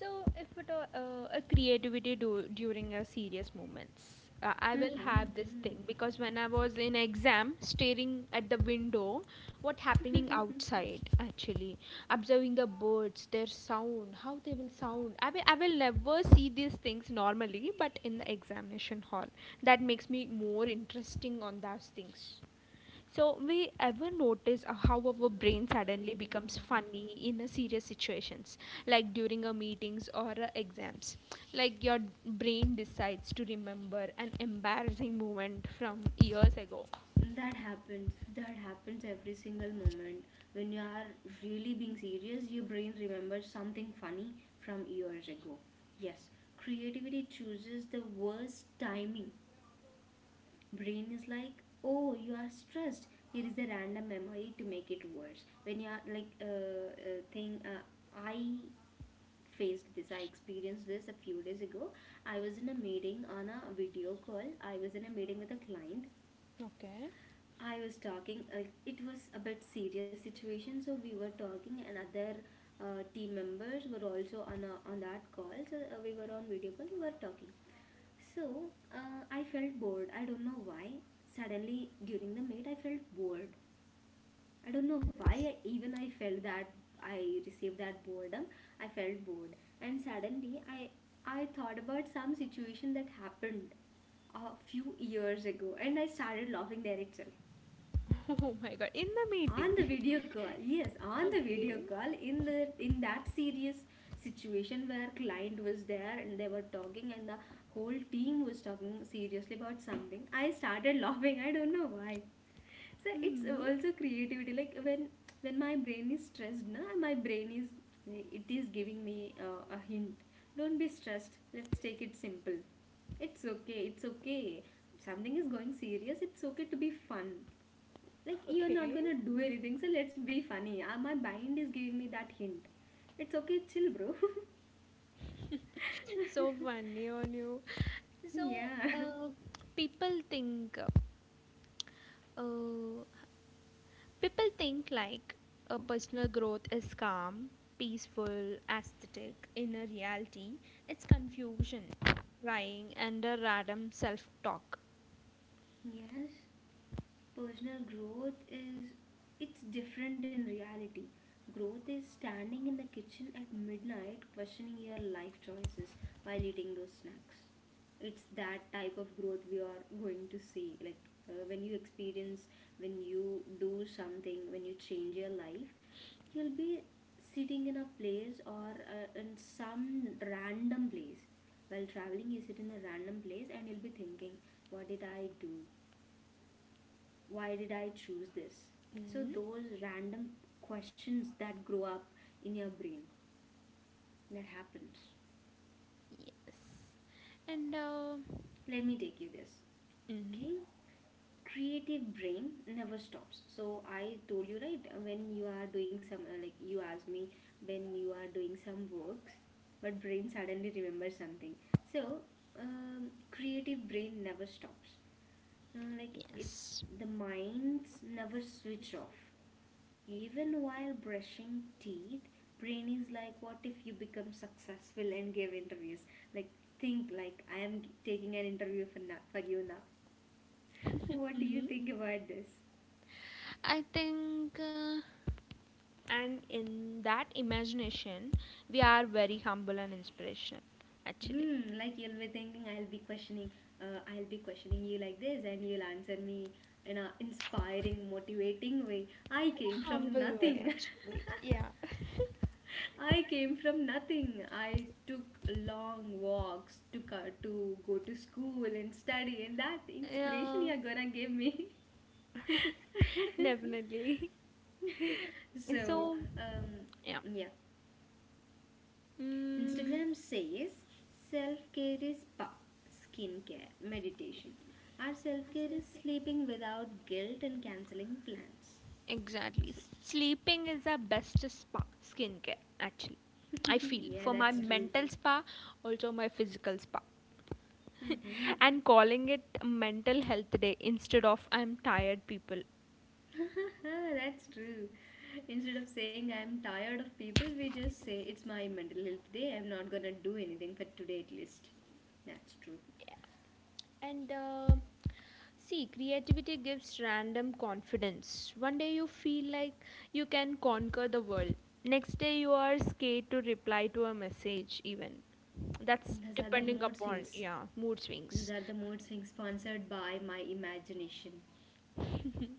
So, if it, all- a creativity do, during a serious moments, I will have this thing because when I was in exam, staring at the window, what happening outside actually, observing the birds, their sound, how they will sound. I will never see these things normally, but in the examination hall, that makes me more interesting on those things. So, we ever notice how our brain suddenly becomes funny in a serious situations, like during a meetings or a exams. Like your brain decides to remember an embarrassing moment from years ago. That happens. That happens every single moment. When you are really being serious, your brain remembers something funny from years ago. Yes, creativity chooses the worst timing. Brain is like, oh, you are stressed, here is a random memory to make it worse. When you are like, I I experienced this a few days ago. I was in a meeting on a video call, I was in a meeting with a client. Okay. I was talking, it was a bit serious situation, so we were talking, and other team members were also on on that call. So we were on video call, we were talking. So I felt bored. I don't know why. Suddenly during the meet, I felt bored. I don't know why. Even I felt that I received that boredom. I felt bored, and suddenly I thought about some situation that happened a few years ago, and I started laughing there itself. Oh my god, in the On meeting. the video call, yes, on the video Okay. call, in the in that serious situation where client was there and they were talking, and the whole team was talking seriously about something, I started laughing, I don't know why. So it's also creativity, like when my brain is stressed, na, my brain is it is giving me a hint. Don't be stressed, let's take it simple, it's okay, it's okay. Something is going serious, it's okay to be fun, like you're not Okay. gonna do anything, so let's be funny. Ah, my mind is giving me that hint, it's okay, chill bro. So funny on you. So, Yeah. People think, uh, people think like a personal growth is calm, peaceful, aesthetic. In a reality, it's confusion, crying, and a random self-talk. Yes. Personal growth is, it's different in reality. Growth is standing in the kitchen at midnight questioning your life choices while eating those snacks. It's that type of growth we are going to see. Like, when you experience, when you do something, when you change your life, you'll be sitting in a place or in some random place. While traveling, you sit in a random place and you'll be thinking, what did I do? Why did I choose this? So Mm, those random questions that grow up in your brain, that happens. yes, and Let me take you this. mm, Okay? Creative brain never stops. So I told you, right? When you are doing some like you asked me, when you are doing some works, but brain suddenly remembers something. So Creative brain never stops. Like it yes, the minds never switch off. Even while brushing teeth, brain is like, what if you become successful and give interviews? Like, think like I am taking an interview for now, for you now. What do you mhm. think about this? I think. And in that imagination, we are very humble and inspirational. Actually, Hmm, like you'll be thinking, I'll be I'll be questioning you like this, and you'll answer me in a inspiring, motivating way. I came from humble way, nothing. actually. Yeah. I came from nothing. I took long walks to go to school and study, and that inspiration Yeah, you're gonna give me. definitely. so, So, um, yeah. yeah. Mm, Instagram says self care is power, skincare, meditation. Our self care is sleeping without guilt and canceling plans. exactly. So, Sleeping is the best spa skincare actually. I feel yeah, for my that's true. mental spa, also my physical spa. Mm-hmm. And calling it mental health day instead of I'm tired people. That's true. Instead of saying I'm tired of people, we just say it's my mental health day. I'm not gonna do anything for today at least. That's true. Yeah. And see, creativity gives random confidence. One day you feel like you can conquer the world. Next day you are scared to reply to a message even. That's Those are the depending mood upon swings. yeah mood Those swings. are the mood swings sponsored by my imagination.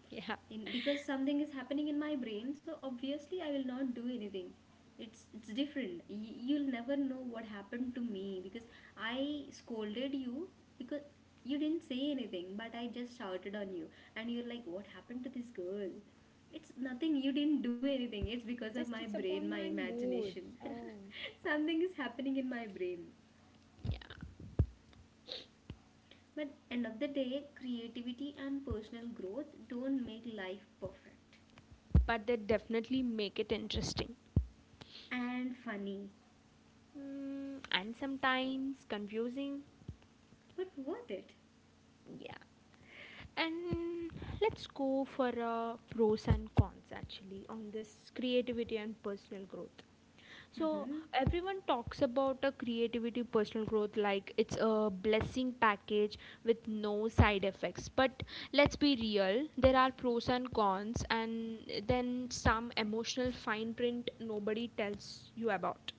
Yeah. In, because something is happening in my brain, so obviously I will not do anything. It's different. You'll never know what happened to me, because I scolded you, because you didn't say anything, but I just shouted on you, and you're like, what happened to this girl? It's nothing. You didn't do anything. It's because of Just my it's brain, upon my my mood. imagination. Oh. Something is happening in my brain. But end of the day, creativity and personal growth don't make life perfect. But they definitely make it interesting, And funny. mm, and sometimes confusing. But worth it. Yeah. And let's go for pros and cons actually on this creativity and personal growth. So Hmm. everyone talks about a creativity personal growth like it's a blessing package with no side effects. But let's be real, there are pros and cons and then some emotional fine print nobody tells you about.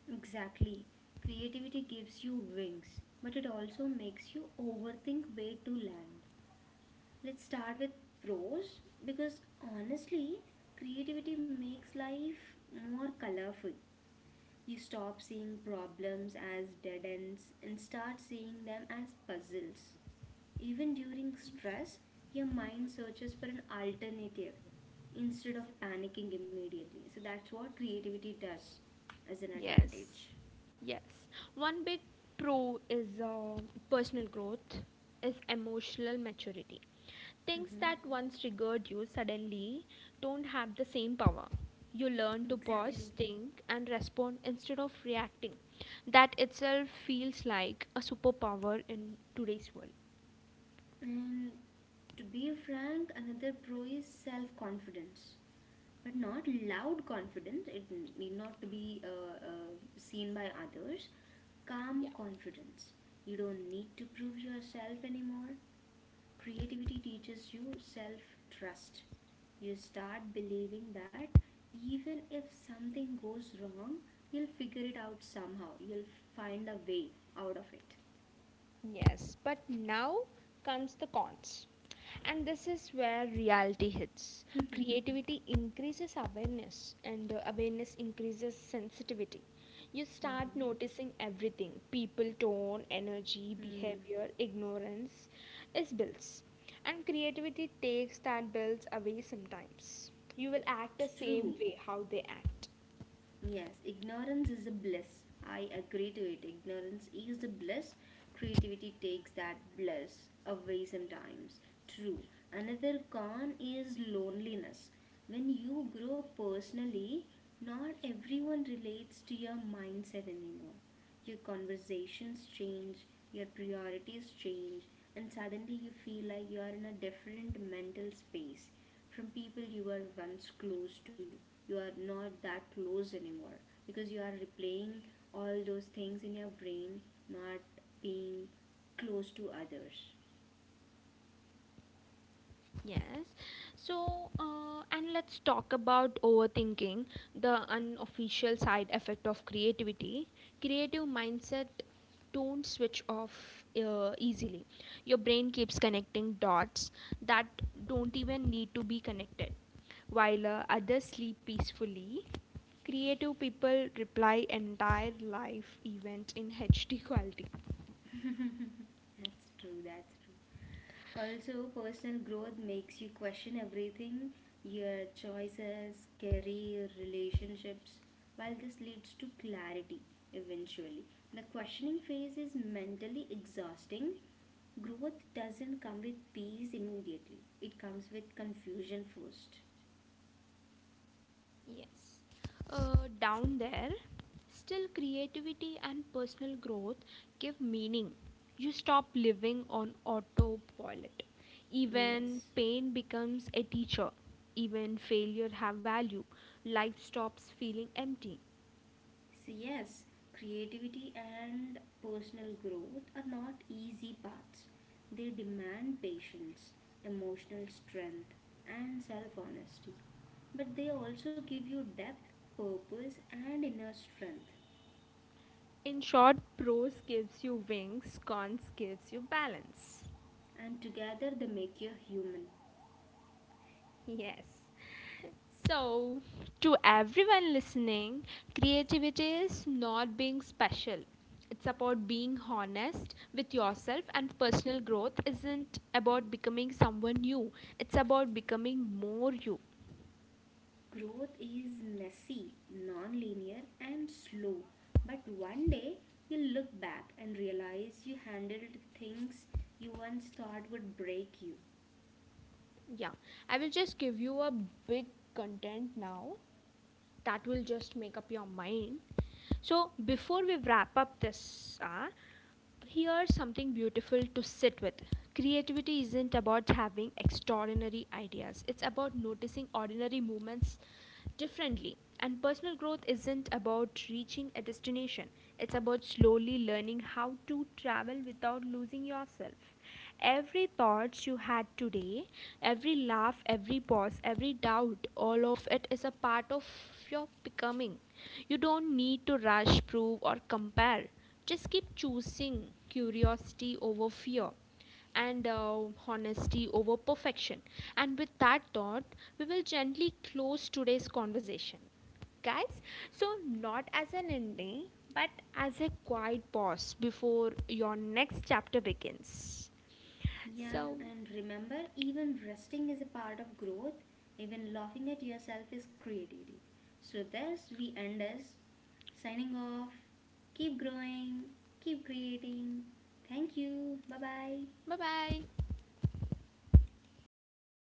Exactly. Creativity gives you wings, but it also makes you overthink where to land. Let's start with pros, because honestly, creativity makes life more colorful. You stop seeing problems as dead ends and start seeing them as puzzles. Even during stress, your mind searches for an alternative instead of panicking immediately. So that's what creativity does as an Yes, advantage. yes. One big pro is personal growth, is emotional maturity. Things Mm-hmm. that once triggered you suddenly don't have the same power. You learn to Exactly. pause, think, and respond instead of reacting. That itself feels like a superpower in today's world. And to be frank, another pro is self confidence, but not loud confidence. It need not to be seen by others. Yeah. Calm confidence. You don't need to prove yourself anymore. Creativity teaches you self trust. You start believing that even if something goes wrong, you'll figure it out somehow. You'll find a way out of it. Yes, but now comes the cons. And this is where reality hits. Creativity increases awareness, and awareness increases sensitivity. You start Mm-hmm. noticing everything, people tone energy Hmm. behavior ignorance is builds, and creativity takes that builds away sometimes. You will act the True. same way how they act. Yes, ignorance is a bliss. I agree to it. Ignorance is a bliss. Creativity takes that bliss away sometimes. True. Another con is loneliness. When you grow personally, not everyone relates to your mindset anymore. Your conversations change, your priorities change, and suddenly you feel like you are in a different mental space from people you were once close to. You are not that close anymore, because you are replaying all those things in your brain, not being close to others. Yes. So, and let's talk about overthinking, the unofficial side effect of creativity. Creative mindset don't switch off easily. Your brain keeps connecting dots that don't even need to be connected. While others sleep peacefully, creative people reply entire life events in HD quality. That's true, that's true. Also, personal growth makes you question everything: your choices, career, relationships. While this leads to clarity eventually, the questioning phase is mentally exhausting. Growth doesn't come with peace immediately, it comes with confusion first. Yes. Down there, still creativity and personal growth give meaning. You stop living on autopilot. Even Yes. pain becomes a teacher. Even failure have value. Life stops feeling empty. So, yes, creativity and personal growth are not easy paths. They demand patience, emotional strength, and self honesty. But they also give you depth, purpose, and inner strength. In short, prose gives you wings, cons gives you balance. And together they make you human. Yes. So, to everyone listening, creativity is not being special. It's about being honest with yourself, and personal growth isn't about becoming someone new, it's about becoming more you. Growth is messy, non linear, and slow. But one day you'll look back and realize you handled things you once thought would break you. Yeah, I will just give you a big content now that will just make up your mind. So before we wrap up this hour, here's something beautiful to sit with. Creativity isn't about having extraordinary ideas, it's about noticing ordinary moments differently. And personal growth isn't about reaching a destination, it's about slowly learning how to travel without losing yourself. Every thought you had today, every laugh, every pause, every doubt, all of it is a part of your becoming. You don't need to rush, prove, or compare. Just keep choosing curiosity over fear and honesty over perfection. And with that thought, we will gently close today's conversation. Guys, so not as an ending, but as a quiet pause before your next chapter begins. Yeah, So, and remember, even resting is a part of growth. Even laughing at yourself is creativity. So, thus, we end us signing off. Keep growing, keep creating. Thank you. Bye bye. bye bye.